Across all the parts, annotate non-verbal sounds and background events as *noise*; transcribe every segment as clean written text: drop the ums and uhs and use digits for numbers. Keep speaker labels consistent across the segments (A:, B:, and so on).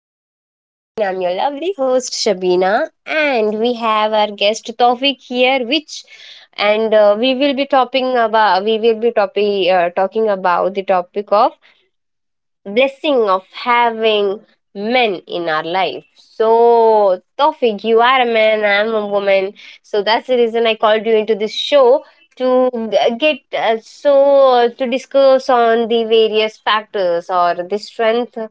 A: podcast again. I'm your lovely host, Shabina, and we have our guest Tawfiq here, which and we will be talking about we will be topi- talking about the topic of blessing of having men in our life. So, Tofik, you are a man, I am a woman. So, that's the reason I called you into this show to get to discuss on the various factors or the strength or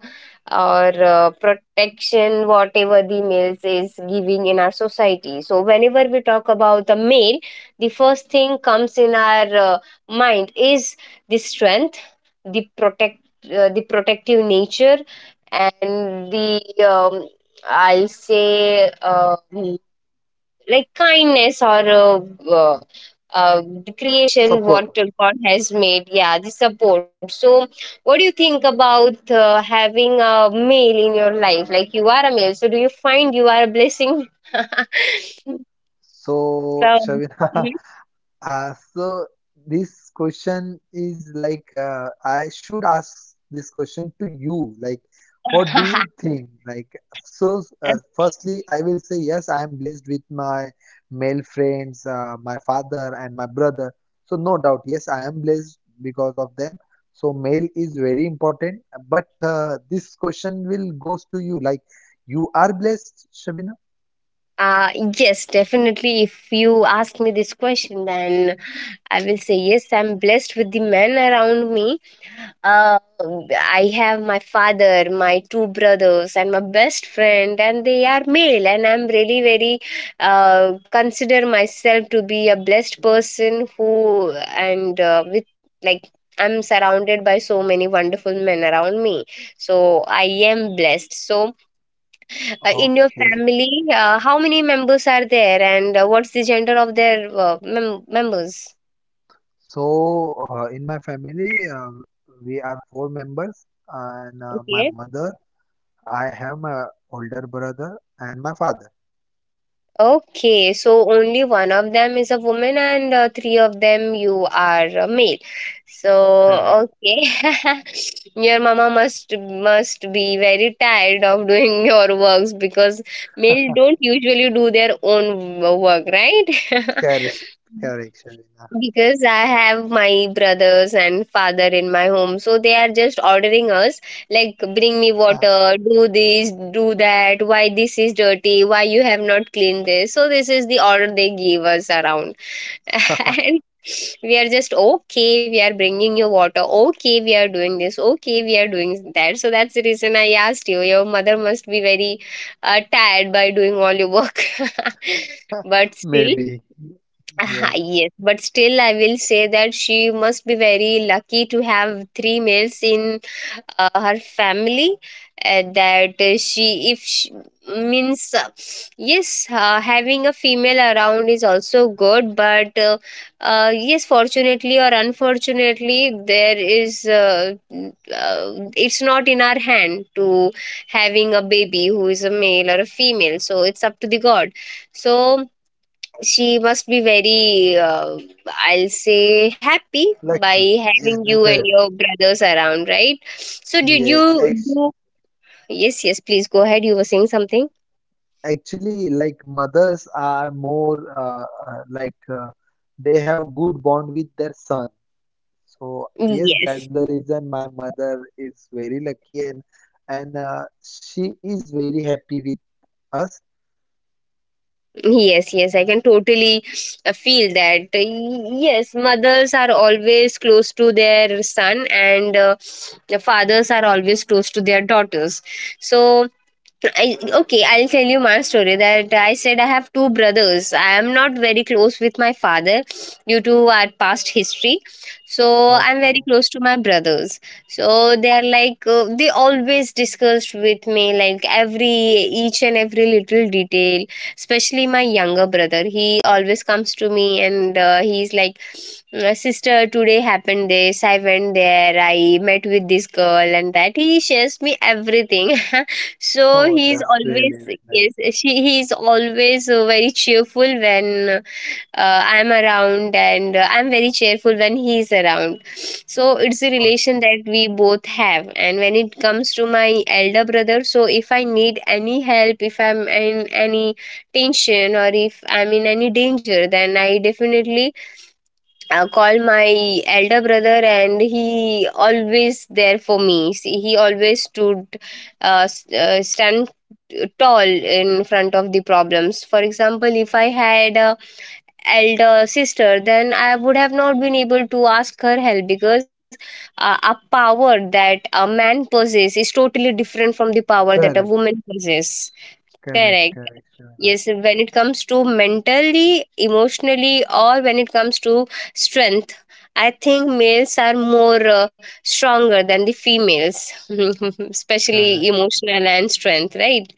A: protection whatever the males is giving in our society. So whenever we talk about the male, the first thing comes in our mind is the strength, the protect the protective nature, and the I'll say like kindness or uh, the creation what
B: Support.
A: God has made, yeah, the support. So what do you think about having a male in your life, like you are a male, so do you find you are a blessing? *laughs*
B: So,
A: So
B: Shavina, *laughs* uh, so this question is like I should ask this question to you. Like, what do you think? Like,
A: *laughs*
B: firstly, I will say yes. I am blessed with my male friends, my father and my brother. So no doubt, yes, I am blessed because of them. So male is very important. But this question will goes to you. Like, you are blessed, Shabina.
A: Uh, yes, definitely. If you ask me this question, then I will say yes. I'm blessed with the men around me. Uh, I have my father, my two brothers, and my best friend, and they are male. And I'm really very consider myself to be a blessed person who and with like I'm surrounded by so many wonderful men around me. So I am blessed. So in your
B: Okay.
A: family, how many members are there, and what's the gender of their members?
B: So, in my family, we are four members, and my
A: Okay.
B: mother, I have my older brother, and my father.
A: Okay, so only one of them is a woman, and three of them, you are a male. So
B: Correct,
A: okay, *laughs* your mama must be very tired of doing *laughs* your works, because male don't usually do their own work, right? *laughs*
B: correct, correct,
A: Because I have my brothers and father in my home, so they are just ordering us like bring me
B: Shavina.
A: water, do this, do that, why this is dirty, why you have not cleaned this. So this is the order they give us around. *laughs*
B: *laughs*
A: And we are just okay, we are bringing you water. Okay, we are doing this. Okay, we are doing that. So that's the reason I asked you. Your mother must be very tired by doing all your work. *laughs* But still
B: Maybe,
A: *laughs* ah
B: yes,
A: yes, but still, I will say that she must be very lucky to have three males in her family. That she, if she means, yes, having a female around is also good, but yes, fortunately or unfortunately, there is it's not in our hand to having a baby who is a male or a female, so it's up to the God. So she must be very I'll say happy by
B: lucky, yes,
A: having you and
B: maybe,
A: your brothers around, right? So did
B: yes.
A: you
B: Ex
A: do yes, yes, please go ahead, you were saying something.
B: Actually, like mothers are more uh, like uh, they have good bond with their son. So yes, that's
A: Yes,
B: the reason my mother is very lucky and and she is very happy with us.
A: yes, yes, I can totally feel that. Yes, mothers are always close to their son, and the fathers are always close to their daughters. So I, okay, I'll tell you my story, that I said I have two brothers. I am not very close with my father due to our past history. So I'm very
B: Okay.
A: close to my brothers. So they are like, they always discussed with me like every, each and every little detail, especially my younger brother. He always comes to me and he's like, sister, today happened this. I went there. I met with this girl and that." He shares me everything. *laughs* So
B: Oh,
A: he's
B: that's really,
A: always
B: really nice.
A: yes she he's always very cheerful when I'm around, and I'm very cheerful when he's around. So it's a relation
B: Okay.
A: that we both have. And when it comes to my elder brother, so if I need any help, if I'm in any tension or if I'm in any danger, then I definitely call my elder brother, and he always there for me. See, he always stood stand tall in front of the problems. For example, if I had a elder sister, then I would have not been able to ask her help, because a power that a man possesses is totally different from the power that a
B: Correct,
A: woman possesses.
B: correct,
A: Correct.
B: correct, Shavina.
A: Yes, when it comes to mentally, emotionally, or when it comes to strength, I think males are more stronger than the females, *laughs* especially
B: Correct,
A: emotional and strength, right?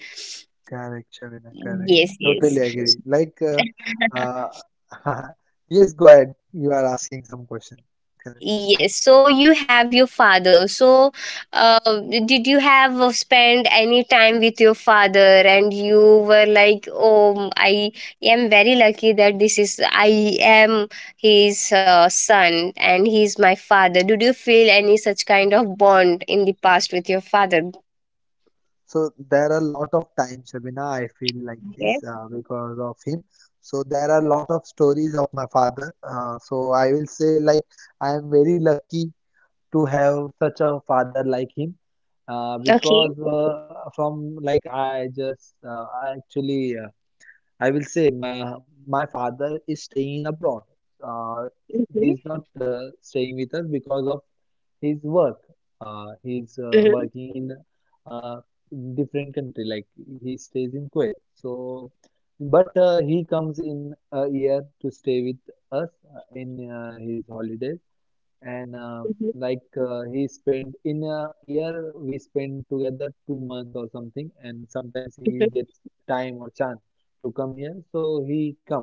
B: correct, Shavina. Correct.
A: Yes, yes.
B: Totally agree. Like,
A: *laughs*
B: uh, *laughs* yes, go ahead. You are asking some question. Correct.
A: Yes, so you have your father. So, did you have spend any time with your father, and you were like, "Oh, I am very lucky that this is I am his son, and he is my father." Did you feel any such kind of bond in the past with your father?
B: So there are a lot of times, Shabina, I feel like
A: Okay.
B: this because of him. So there are a lot of stories of my father. So I will say like I am very lucky to have such a father like him
A: Okay.
B: because from like i just i actually I will say my father is staying abroad. Uh, he's
A: Mm-hmm.
B: not staying with us because of his work. He's
A: Mm-hmm.
B: working in uh, different country, like he stays in Kuwait. So, but he comes in a year to stay with us in his holidays, and like he spent in a year we spend together 2 months or something, and sometimes he
A: Mm-hmm.
B: gets time or chance to come here, so he comes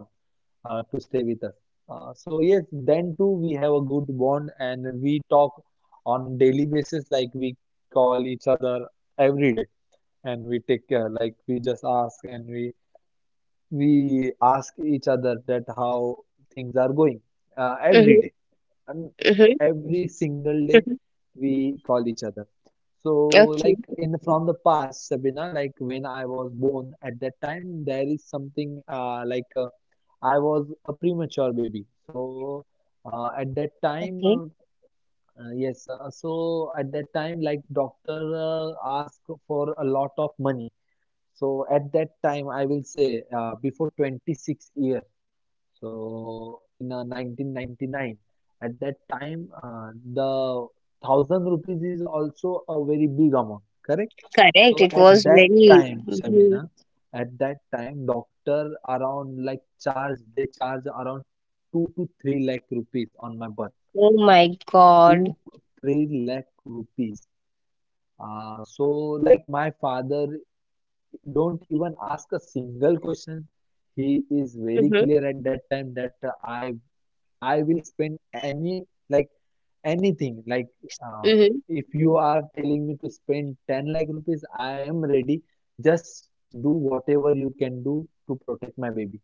B: to stay with us. So yes, then too we have a good bond and we talk on daily basis. Like we call each other every day and we take care. Like we just ask and we ask each other that how things are going every
A: Mm-hmm.
B: day and
A: Mm-hmm.
B: every single day we call each other. So
A: Okay.
B: from the past, Sabina, like when I was born at that time, there is something I was a premature baby. So at that time,
A: Okay.
B: yes, so at that time, like doctor asked for a lot of money. So at that time, I will say before 26 years. So in 1999, at that time, the thousand rupees is also a very big amount, correct?
A: Correct.
B: So
A: It
B: at
A: was
B: that
A: very.
B: time, Shamina,
A: Mhm.
B: at that time, doctor around like charge, they charge around two to three lakh rupees on my birth.
A: Oh my God.
B: Two to three lakh rupees. So like my father don't even ask a single question. He is very clear at that time that I will spend any like anything like um,
A: Mhm.
B: if you are telling me to spend 10 lakh rupees, I am ready. Just do whatever you can do to protect my baby.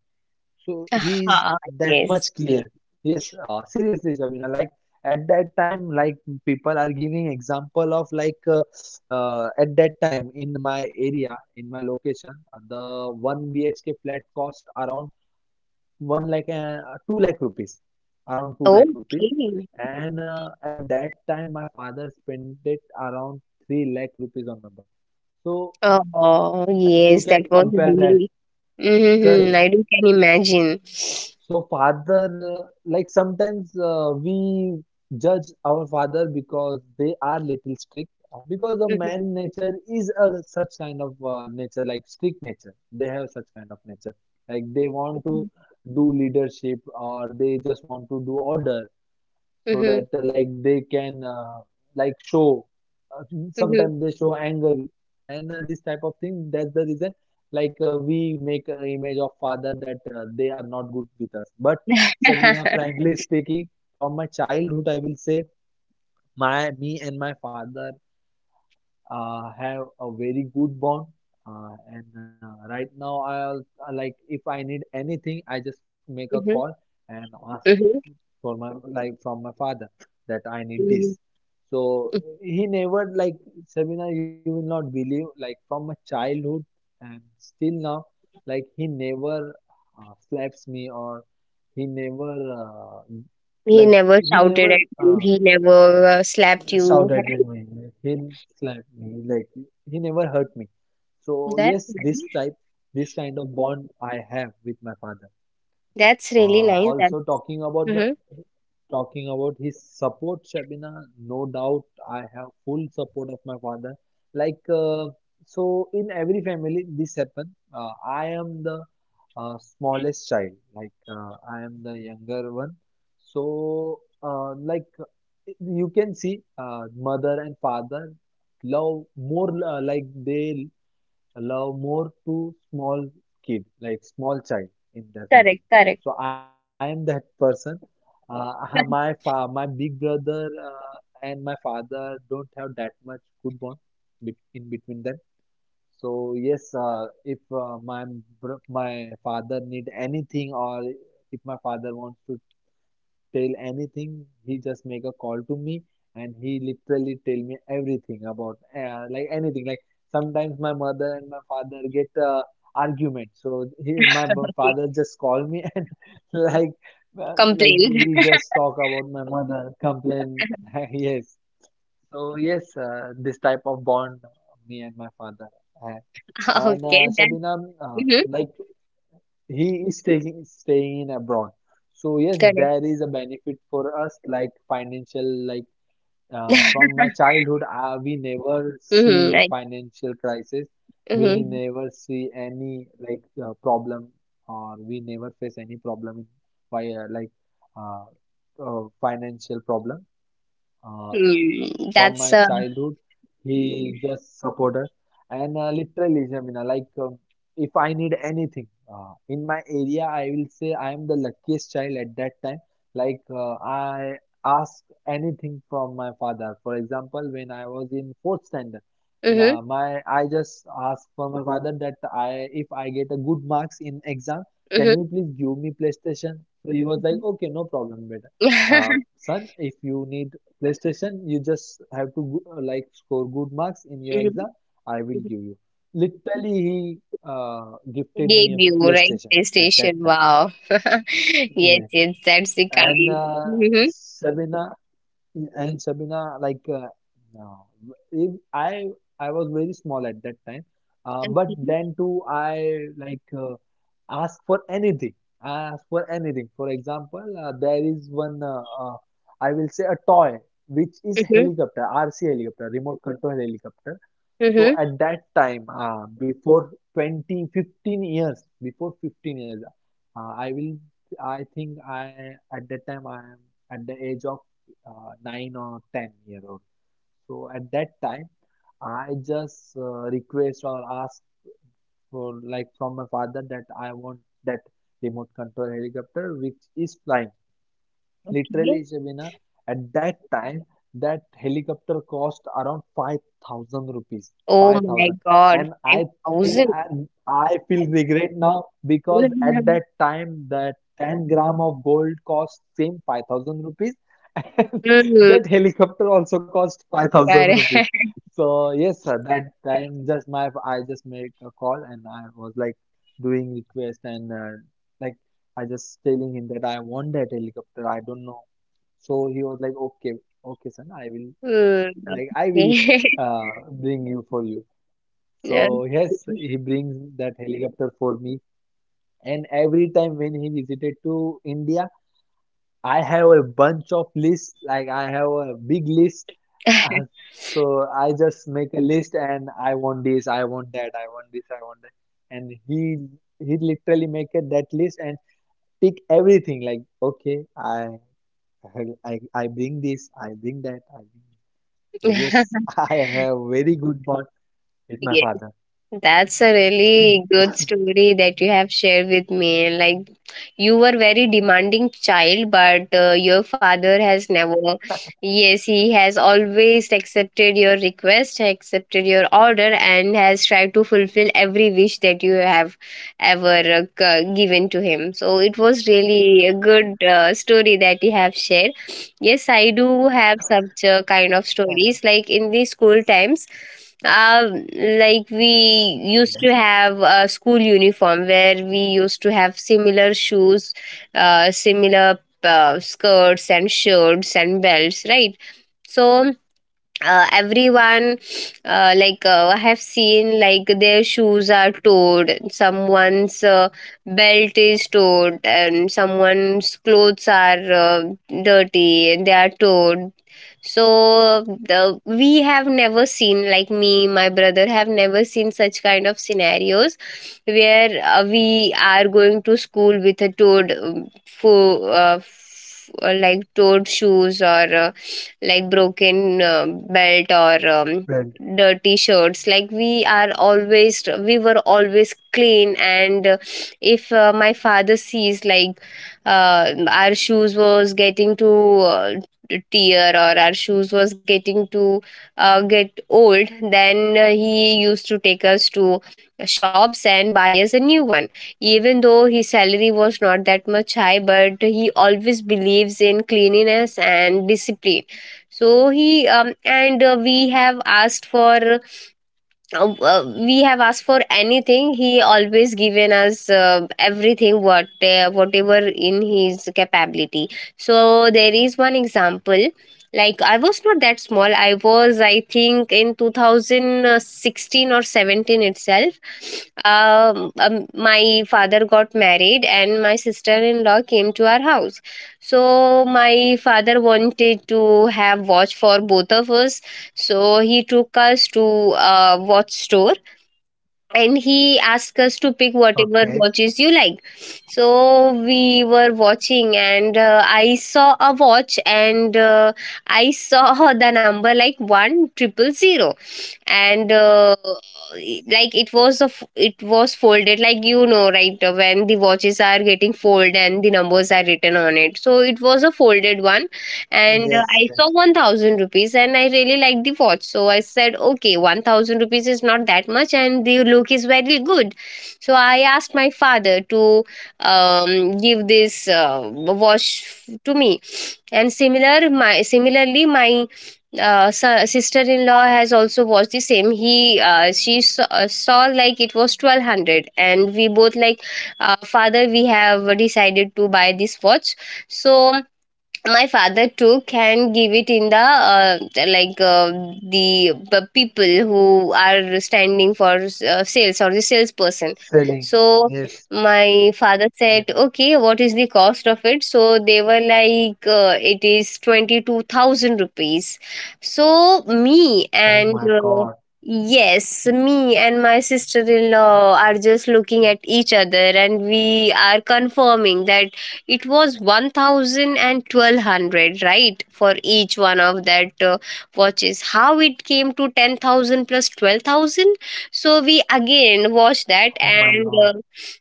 B: So he is
A: Ah
B: that much
A: yes.
B: clear. Yes, seriously, Shabina. Like at that time, like people are giving example of like at that time in my area, in my location, the one BHK flat cost around one lakh and two lakh rupees, around two lakh rupees.
A: Okay.
B: And at that time, my father spent it around three lakh rupees on my bike. So
A: Oh,
B: like you
A: yes,
B: can
A: that was
B: compare that,
A: really. Mm-hmm.
B: correct?
A: I do can imagine.
B: So father, like sometimes we judge our father because they are little strict. Because the
A: Mhm,
B: man nature is a such kind of nature, like strict nature. They have such kind of nature. Like they want to do leadership or they just want to do order so
A: mhm,
B: that
A: mhm,
B: like they can like show uh, sometimes
A: mhm.
B: they show anger and this type of thing that's the reason like we make an image of father that they are not good with us but Sabina frankly speaking from my childhood I will say my me and my father have a very good bond and right now I like if I need anything I just make a
A: Mhm,
B: call and
A: mhm,
B: for my like from my father that I need
A: mhm.
B: this. So
A: *laughs*
B: he never like Sabina, you will not believe like from my childhood and still now, like he never slaps me or he never uh,
A: He
B: like
A: never
B: he
A: shouted at
B: never
A: you. He never slapped you. *laughs*
B: shouted at me. He slap me like he never hurt me. So
A: That's
B: yes, this
A: nice.
B: type, this kind of bond I have with my father.
A: That's really nice. That's
B: Also talking about the
A: hmm
B: Talking about his support, Shabina, no doubt I have full support of my father. Like so, in every family, this happen. I am the smallest child. Like I am the younger one. So like you can see, mother and father love more like they allow more to small kid, like small child in their family.
A: correct. Correct.
B: So I am that person. Uh, *laughs* my big brother and my father don't have that much good bond in between them. So yes, if my father need anything or if my father wants to tell anything. He just make a call to me, and he literally tell me everything about like anything. Like sometimes my mother and my father get argument, so
A: Okay.
B: father just call me *laughs* and like
A: Complain.
B: we just talk about my mother complain. *laughs* Yes, so yes, this type of bond me and my father have.
A: *laughs*
B: And
A: Okay. That.
B: Shabina,
A: Hmm.
B: like he is taking staying abroad. So yes,
A: Correct.
B: there is a benefit for us, like financial, like from
A: *laughs*
B: my childhood, we never
A: Mm-hmm.
B: see
A: I,
B: financial crisis. We
A: mm-hmm.
B: never see any like problem, or we never face any problem by uh, financial problem. Uh,
A: Hmm,
B: from
A: that's
B: my childhood. He just support us and literally, Jamina, like if I need anything in my area, I will say I am the luckiest child at that time. Like I ask anything from my father. For example, when I was in fourth standard,
A: mm-hmm.
B: la- my I just asked for my father that I if I get a good marks in exam, can you
A: Mm-hmm.
B: please give me PlayStation? So he was like,
A: *laughs*
B: okay, no problem, beta son, if you need PlayStation, you just have to like score good marks in your
A: Mhm.
B: exam. I will give you. Literally, he gifted
A: Gave
B: me a
A: you, right?
B: PlayStation at
A: PlayStation.
B: that time.
A: Wow. *laughs* Yes,
B: Yeah,
A: yes, that's the
B: and
A: kind. Mm-hmm.
B: Sabina Sabina, like, no, if I I was very small at that time,
A: Okay.
B: but then too I like ask for anything. I ask for anything. For example, there is one I will say a toy which is
A: Mm-hmm.
B: helicopter, RC helicopter, remote control helicopter. So
A: Mm-hmm.
B: at that time, before 2015 years, before 15 years, uh, I will, I think I at that time I am at the age of 9 or 10 year old. So at that time, I just request or ask for like from my father that I want that remote control helicopter which is flying.
A: Okay.
B: Literally, Shabina, at that time, that helicopter cost around 5,000 rupees.
A: Oh my
B: 5,000.
A: God,
B: And think
A: 5,000.
B: I, I feel regret now because at
A: Mhm.
B: that time, that 10 gram of gold cost same 5,000 rupees. *laughs* And
A: Mm,
B: that helicopter also cost 5,000
A: correct.
B: rupees.
A: *laughs*
B: So, yes, sir, that time I just made a call and I was like doing request and like I just telling him that I want that helicopter. I don't know. So he was like, okay, okay, son,
A: Mm,
B: I will
A: okay.
B: bring you for you.
A: *laughs* Yeah.
B: So yes, he brings that helicopter for me. And every time when he visited to India, I have a bunch of lists. Like I have a big list. Uh, so I just make a list and I want this, I want that, I want this, I want that. And he literally make it that list and tick everything. Like okay, I bring this, I bring that, I bring. So yes,
A: *laughs*
B: *laughs* I have very good bond with my
A: Yes.
B: father.
A: That's a really good story that you have shared with me. Like, you were very demanding child, but your father has never. Yes, he has always accepted your request, accepted your order, and has tried to fulfill every wish that you have ever given to him. So it was really a good story that you have shared. Yes, I do have such kind of stories. Like in the school times, uh, like we
B: Yes,
A: used to have a school uniform where we used to have similar shoes, similar skirts and shirts and belts, right? So everyone like I have seen like their shoes are torn, someone's belt is torn, and someone's clothes are dirty and they are torn. So we have never seen, like me my brother have never seen such kind of scenarios where we are going to school with a toad like toad shoes or uh, like broken belt or
B: build.
A: dirty shirts. Like we are always we were always clean, and if my father sees like our shoes was getting too uh, tear, or our shoes was getting to get old, then he used to take us to shops and buy us a new one. Even though his salary was not that much high, but he always believes in cleanliness and discipline. So he and we have asked for we have asked for anything, he always given us everything what whatever in his capability. So there is one example. Like I was not that small, I was I think in 2016 or 17 itself. My father got married and my sister-in-law came to our house. So my father wanted to have watch for both of us. So he took us to a watch store, and he asked us to pick
B: Okay.
A: whatever watches you like. So we were watching and I saw a watch, and I saw *laughs* the number like one triple zero. And like it was a it was folded, like you know right, when the watches are getting folded and the numbers are written on it. So it was a folded one, and
B: Yes,
A: I
B: yes.
A: saw 1,000 rupees, and I really liked the watch. So I said, okay, 1,000 rupees is not that much and the look is very good. So I asked my father to give this watch to me. And similarly, my sister in law has also watched the same. He She saw, saw like it was 1200 and we both like father we have decided to buy this watch. So my father too can give it in the like uh, the people who are standing for sales or the salesperson.
B: Selling.
A: So
B: Yes,
A: my father
B: yes.
A: said, "Okay, what is the cost of it?" So they were like, it is 22,000 rupees. So me
B: Oh my
A: and
B: God.
A: yes, me and my sister-in-law are just looking at each other, and we are confirming that it was 1000 and 1200, right, for each one of that watches. How it came to 10,000 plus 12,000? So we again watched that,
B: Oh my
A: and
B: God.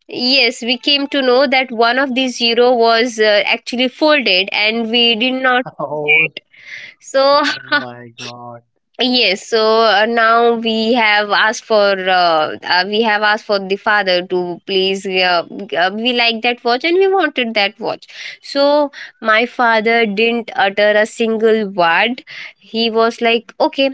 A: yes, we came to know that one of these zero was actually folded and we did not.
B: *laughs* Oh,
A: So
B: oh my God.
A: yes, now we have asked for we have asked for the father to please we like that watch and we wanted that watch. So my father didn't utter a single word. He was like, "Okay,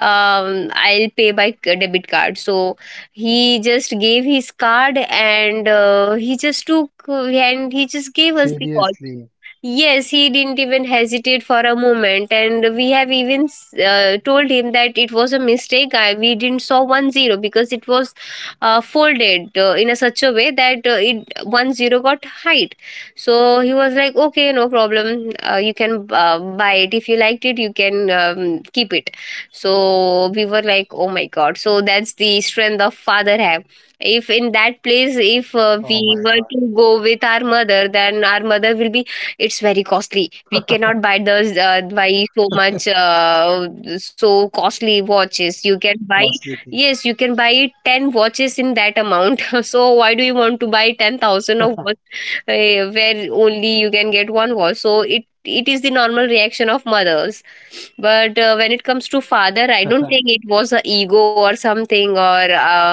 A: I'll pay by debit card." So he just gave his card, and he just took and he just gave us the call.
B: Seriously.
A: Yes, he didn't even hesitate for a moment, and we have even told him that it was a mistake. I, we didn't saw one 0 because it was folded in a such a way that it one 0 got height. So he was like, "Okay, no problem. You can buy it if you liked it. You can keep it." So we were like, "Oh my god!" So that's the strength of father have. If in that place if
B: Oh my
A: we were
B: God.
A: to go with our mother, then our mother will be it's very costly, we cannot buy those buy so much so costly watches you can buy.
B: Costly thing.
A: Yes, you can buy 10 watches in that amount. *laughs* So why do you want to buy 10,000 of watch where only you can get one watch? So it is the normal reaction of mothers. But when it comes to father, I don't
B: *laughs*
A: think it was a ego or something, or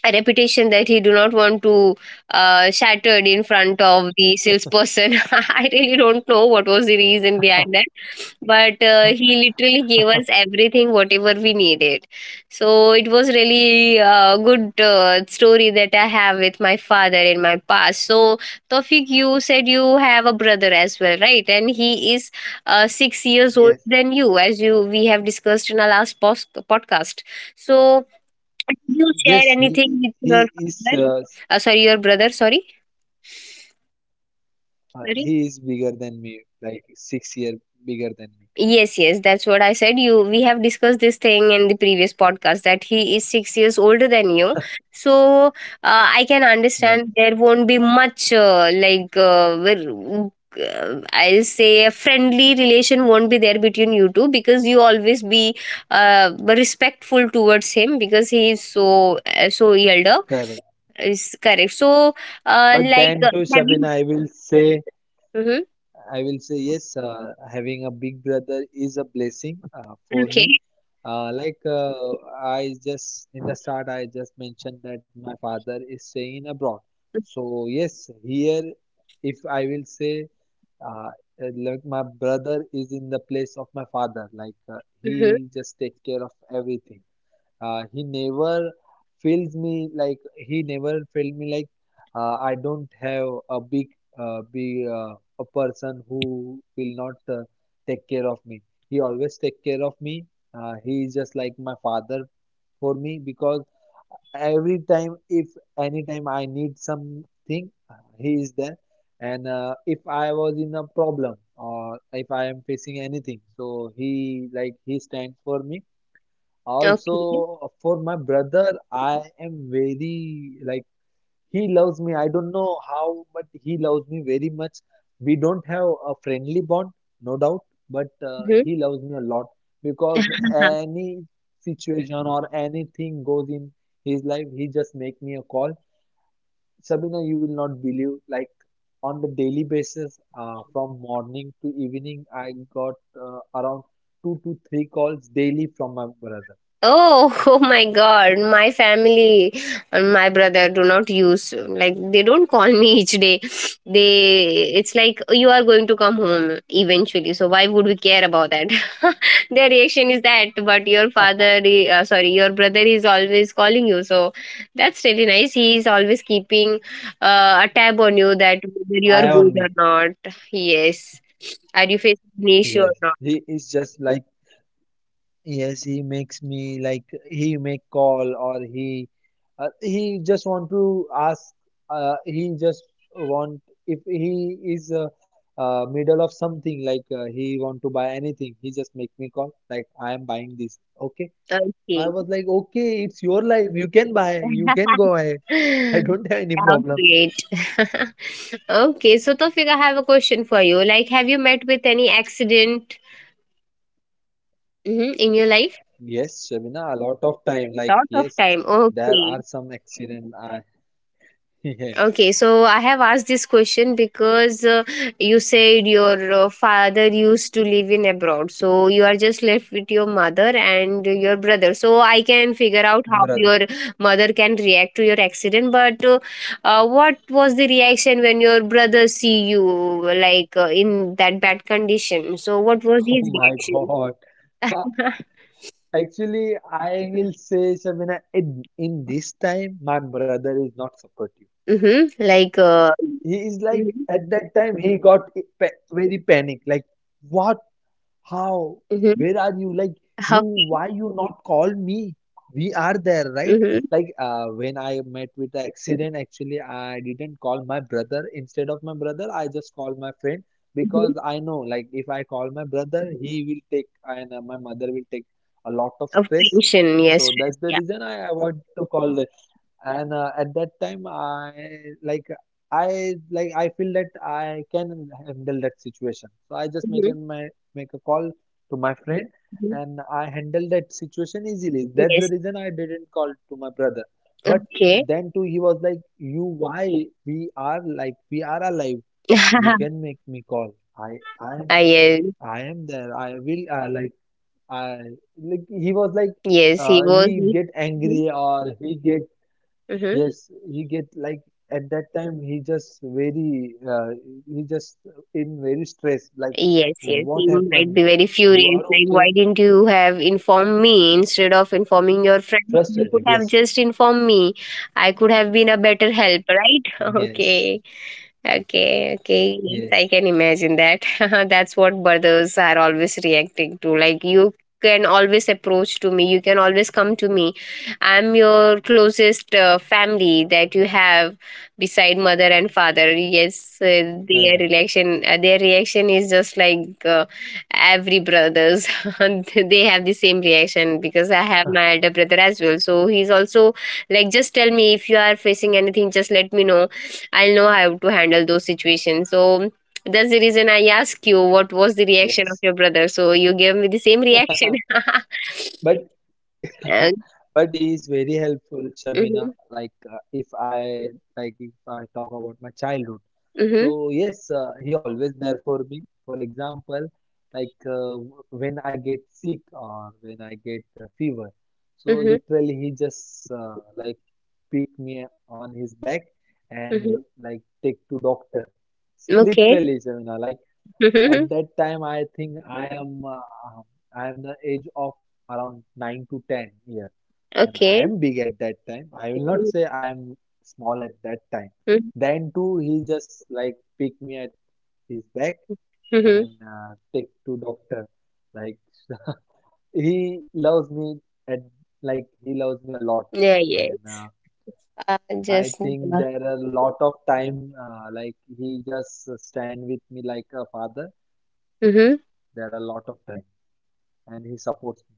A: a reputation that he do not want to shattered in front of the salesperson. *laughs* I really don't know what was the reason behind that, but he literally gave us everything, whatever we needed. So it was really a good story that I have with my father in my past. So Tofik, you said you have a brother as well, right? And he is 6 years older
B: Yes,
A: than you, as you we have discussed in our last podcast. So did
B: yes,
A: you
B: he he
A: share
B: he
A: anything with
B: is
A: your father? Sorry, your brother. Sorry.
B: he
A: Sorry?
B: is bigger than me, like 6 year bigger than me.
A: Yes, yes, that's what I said. You we have discussed this thing in the previous podcast that he is 6 years older than you, so I can
B: Yeah,
A: understand there won't be much I'll say a friendly relation won't be there between you two, because you always be respectful towards him because he is so so elder.
B: correct.
A: Is correct. So
B: But then to
A: have you?
B: Sabina,
A: Hmm.
B: I will say yes. Having a big brother is a blessing for
A: Okay.
B: me. Like I just in the start, I just mentioned that my father is staying in abroad. So yes, here, if I will say, uh, like my brother is in the place of my father. Like
A: Hmm.
B: he just take care of everything. He never feels me like he never felt me like I don't have a big big, a person who will not take care of me. He always take care of me. He is just like my father for me because every time if anytime I need something, he is there. And if I was in a problem or if I am facing anything, so he stands for me
A: Okay.
B: also. For my brother, I am very like he loves me. I don't know how, but he loves me very much. We don't have a friendly bond, no doubt, but he loves me a lot because
A: Hmm.
B: any situation or anything goes in his life, he just make me a call. Sabina, you will not believe like on the daily basis, from morning to evening, I got around two to three calls daily from my brother.
A: Oh, *laughs* oh my God. My family and my brother do not use, like, they don't call me each day. *sniffs* They, it's like you are going to come home eventually, so why would we care about that? *laughs* Their reaction is that. But your father sorry, your brother is always calling you. So that's really nice. He is always keeping a tab on you, that whether you are good
B: Eye
A: or
B: on me.
A: not. Yes. Are you facing an issue or
B: Yes,
A: not?
B: he is just like yes, he makes me like he make call or he just want to ask, he just want if he is middle of something. Like he want to buy anything, he just make me call like I am buying this, okay. I
A: Okay.
B: was like, okay, it's your life, you can buy, you can go ahead.
A: *laughs*
B: *laughs* I don't have any
A: How
B: problem.
A: great. *laughs* Okay, so Tofik, I have a question for you. Like, have you met with any accident mhm, in your life?
B: Yes, Shabina, a lot of time, like
A: Lot of
B: yes,
A: time.
B: there
A: Okay.
B: are some accident I *laughs* yes.
A: Okay, so I have asked this question because you said your father used to live in abroad. So you are just left with your mother and your brother. So I can figure out how
B: Brother.
A: your mother can react to your accident. But what was the reaction when your brother see you like in that bad condition? So what was
B: Oh
A: his
B: my
A: reaction?
B: God. Ha-
A: *laughs*
B: Actually, I will say, Shabina, in this time, my brother is not supportive.
A: Mm-hmm. Like
B: He is like,
A: mm-hmm.
B: at that time, he got very panic. Like, what? How?
A: Mm-hmm.
B: Where are you? Like, you,
A: Okay.
B: why you not call me? We are there, right?
A: Mm-hmm.
B: Like when I met with the accident, actually I didn't call my brother. Instead of my brother, I just called my friend
A: Mm-hmm.
B: because I know, like if I call my brother, he will take and my mother will take a lot of
A: Of
B: stress.
A: tension, yes,
B: So that's the
A: yes,
B: reason I avoid to call the. And at that time like I feel that I can handle that situation, so I just make
A: mhm,
B: in my make a call to my friend
A: mhm.
B: and I handle that situation easily. That's the
A: Yes.
B: reason I didn't call to my brother. But
A: Okay.
B: then too, he was like, you, why, we are like, we are alive, you can
A: *laughs*
B: make me call.
A: Ah, yes.
B: I am there, I will like I like he was like
A: Yes, he was.
B: he get
A: Mhm.
B: angry or he get.
A: Mhm.
B: Yes, he get like at that time he just very he just in very stress. Like,
A: Yes, yes.
B: what
A: He might
B: happened?
A: be very
B: You
A: furious.
B: are
A: Like,
B: okay?
A: why didn't you have informed me instead of informing your friends? You could
B: Frustrated.
A: have
B: Yes,
A: just informed me. I could have been a better help, right? *laughs*
B: yes,
A: Okay. Okay, okay. Yes,
B: yes.
A: I can imagine that. *laughs* That's what brothers are always reacting to. Like, you can always approach to me. You can always come to me. I'm your closest family that you have beside mother and father. Yes,
B: Correct.
A: their reaction is just like every brothers. *laughs* They have the same reaction because I
B: Huh.
A: have my elder brother as well. So he's also like, just tell me if you are facing anything. Just let me know, I'll know how to handle those situations. So that's the reason I ask you what was the
B: Yes,
A: reaction of your brother. So you gave me the same
B: *laughs* but
A: reaction. *laughs* Uh,
B: *laughs* but he is very helpful, Shabina.
A: mm-hmm,
B: Like if I if I talk about my childhood.
A: mm-hmm,
B: So yes, he always there for me. For example, like when I get sick or when I get fever, so
A: mm-hmm,
B: literally he just pick me on his back
A: mm-hmm.
B: and like take to doctor.
A: Okay.
B: Literally, Shamina. Like
A: Mm-hmm,
B: at that time, I think I am the age of around 9 to 10 years, and I
A: okay.
B: am big at that time. I will not say I am small at that time.
A: Mm-hmm,
B: Then too, he just like pick me at his back
A: mm-hmm.
B: and take to doctor. Like *laughs* he loves me at like he loves me a lot,
A: Yeah,
B: and
A: yes. Uh,
B: I
A: just.
B: think there are a lot of time like he just stand with me like a father.
A: Mhm.
B: There are a lot of time, and he supports me.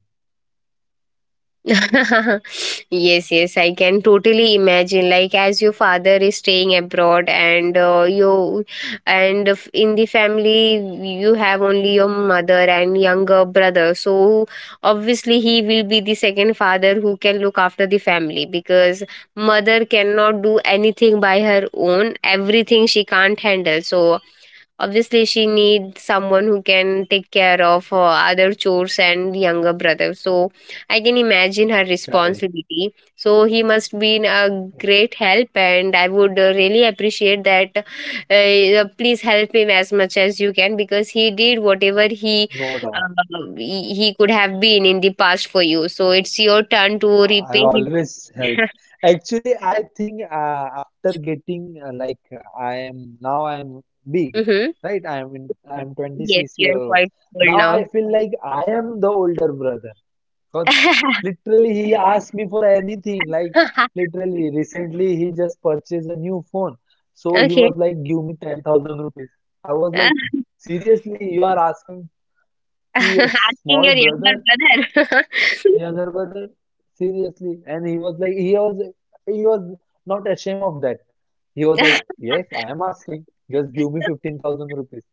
A: *laughs* Yes, yes, I can totally imagine. Like, as your father is staying abroad, and in the family, you have only your mother and younger brother. So obviously, he will be the second father who can look after the family, because mother cannot do anything by her own. Everything she can't handle. So obviously, she needs someone who can take care of other chores and younger brother. So I can imagine her
B: Correct,
A: responsibility. So he must be a great help, and I would really appreciate that. Please help him as much as you can, because he did whatever he
B: no doubt.
A: uh, he could have been in the past for you. So it's your turn to
B: I
A: repay him.
B: always help.
A: *laughs*
B: Actually, I think after getting I am now, I am big,
A: Hmm.
B: right? I am
A: Yes,
B: 26
A: you
B: year
A: are
B: old.
A: quite old
B: Now I
A: now.
B: feel like I am the older brother because
A: *laughs*
B: literally he asked me for anything. Like literally recently he just purchased a new phone, so he
A: Okay.
B: was like, "Give me 10,000 rupees." I was
A: Uh,
B: like, "Seriously, you are asking
A: *laughs*
B: to your
A: asking
B: small
A: your
B: brother?"
A: younger brother?
B: Yeah, Garbhadar, seriously. And he was not ashamed of that. He was like,
A: *laughs*
B: yes, I am asking. Just give me 15,000 rupees. *laughs*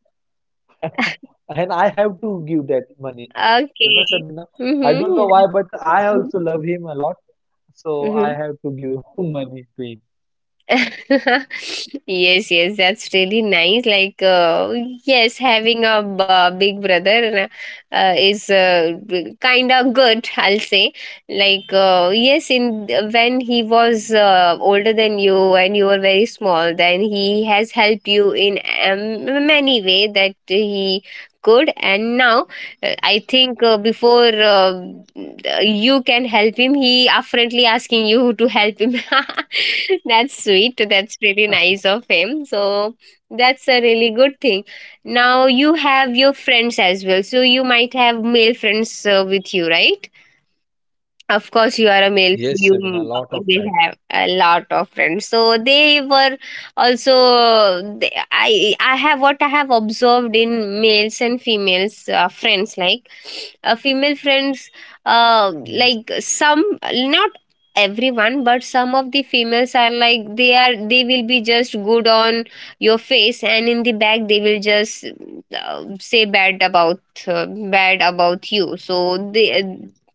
B: And I have to give that money. You know,
A: Okay.
B: Shabina, I don't know
A: Mhm.
B: why, but I also love him a lot. So I
A: Mhm.
B: have to give *laughs* money to him.
A: *laughs* Yes, yes, that's really nice. Like, yes, having a big brother is kind of good, I'll say. Like, yes, in when he was older than you and you were very small, then he has helped you in many way that he could, and now I think before you can help him, he friendly asking you to help him. *laughs* That's sweet. That's really nice of him. So that's a really good thing. Now you have your friends as well. So you might have male friends with you, right? Of course you are a
B: Yes,
A: male, so
B: Shabina, a
A: you
B: lot of time.
A: will have a lot of friends, so they were also they, I have what I have observed in males and females friends, like female friends
B: Yes,
A: uh, like some, not everyone, but some of the females are like they are they will be just good on your face, and in the back they will just say uh, bad about you. So they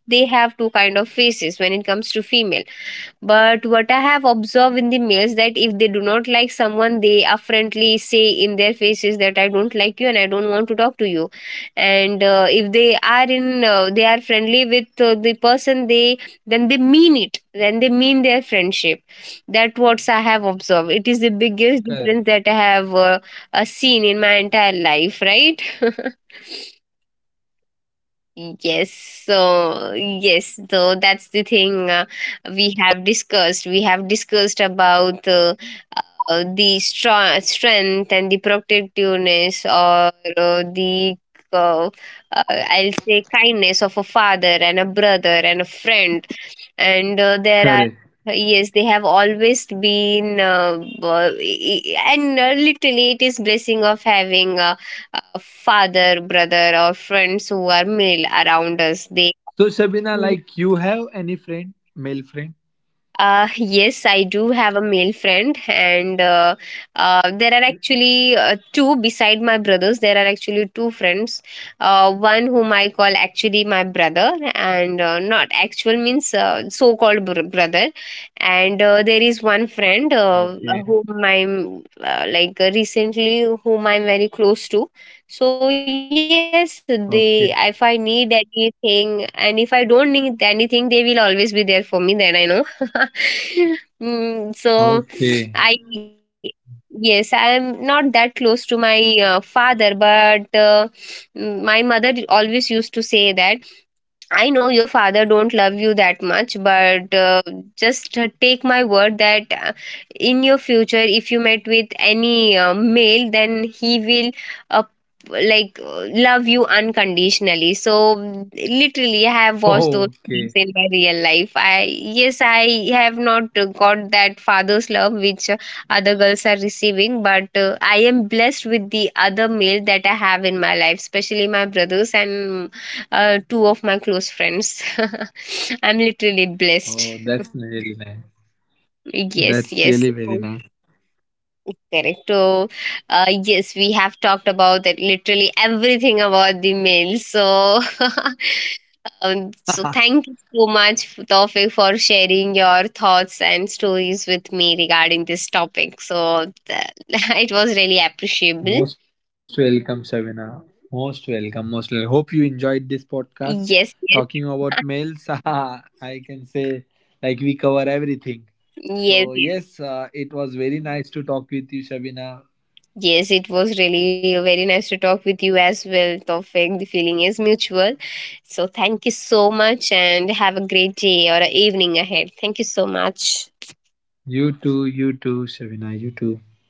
A: they have two kind of faces when it comes to female. But what I have observed in the males, that if they do not like someone, they affrontly say in their faces that I don't like you and I don't want to talk to you. And if they are in they are friendly with the person, they then they mean it, then they mean their friendship. That what I have observed, it is the
B: correct.
A: biggest difference that I have seen in my entire life, right? *laughs* Yes, so yes, so that's the thing we have discussed. We have discussed about the strong strength and the protectiveness, or the uh, I'll say kindness of a father and a brother and a friend. And there are
B: Correct.
A: yes, they have always been e- e- and literally it is blessing of having a father brother or friends who are male around us, they
B: So Shabina, like you have any friend, male friend?
A: uh, yes, I do have a male friend, and there are actually two beside my brothers. There are actually two friends. One whom I call actually my brother, and not actual means so-called brother. And there is one friend
B: Okay,
A: whom I'm recently, whom I'm very close to. So yes, they, if
B: okay,
A: I need anything, and if I don't need anything, they will always be there for me. Then I know. *laughs* Mm, so
B: okay,
A: I yes, I am not that close to my father, but mm, my mother always used to say that. I know your father don't love you that much, but just take my word that in your future, if you met with any male, then he will uh, love you unconditionally. So literally, I have watched those things in
B: okay.
A: my real life. I yes, I have not got that father's love which other girls are receiving, but I am blessed with the other male that I have in my life, especially my brothers and two of my close friends. *laughs* I'm literally blessed.
B: Oh, that's really nice.
A: Yes, yes.
B: That's
A: So,
B: really very nice.
A: correct. So, yes, we have talked about that literally everything about the mail. So, *laughs* so thank you
B: *laughs*
A: so much, Tawfiq, for sharing your thoughts and stories with me regarding this topic. So, *laughs* it was really appreciable.
B: Most welcome, Shabina. Most welcome. Most welcome. Hope you enjoyed this podcast
A: Yes, yes,
B: talking about males. *laughs* I can say like we cover everything.
A: yes,
B: So
A: yes.
B: yes, it was very nice to talk with you, Shabina.
A: Yes, it was really very nice to talk with you as well, Tofik. The feeling is mutual. So, thank you so much and have a great day or a evening ahead. Thank you so much.
B: You too. You too, Shabina. You too.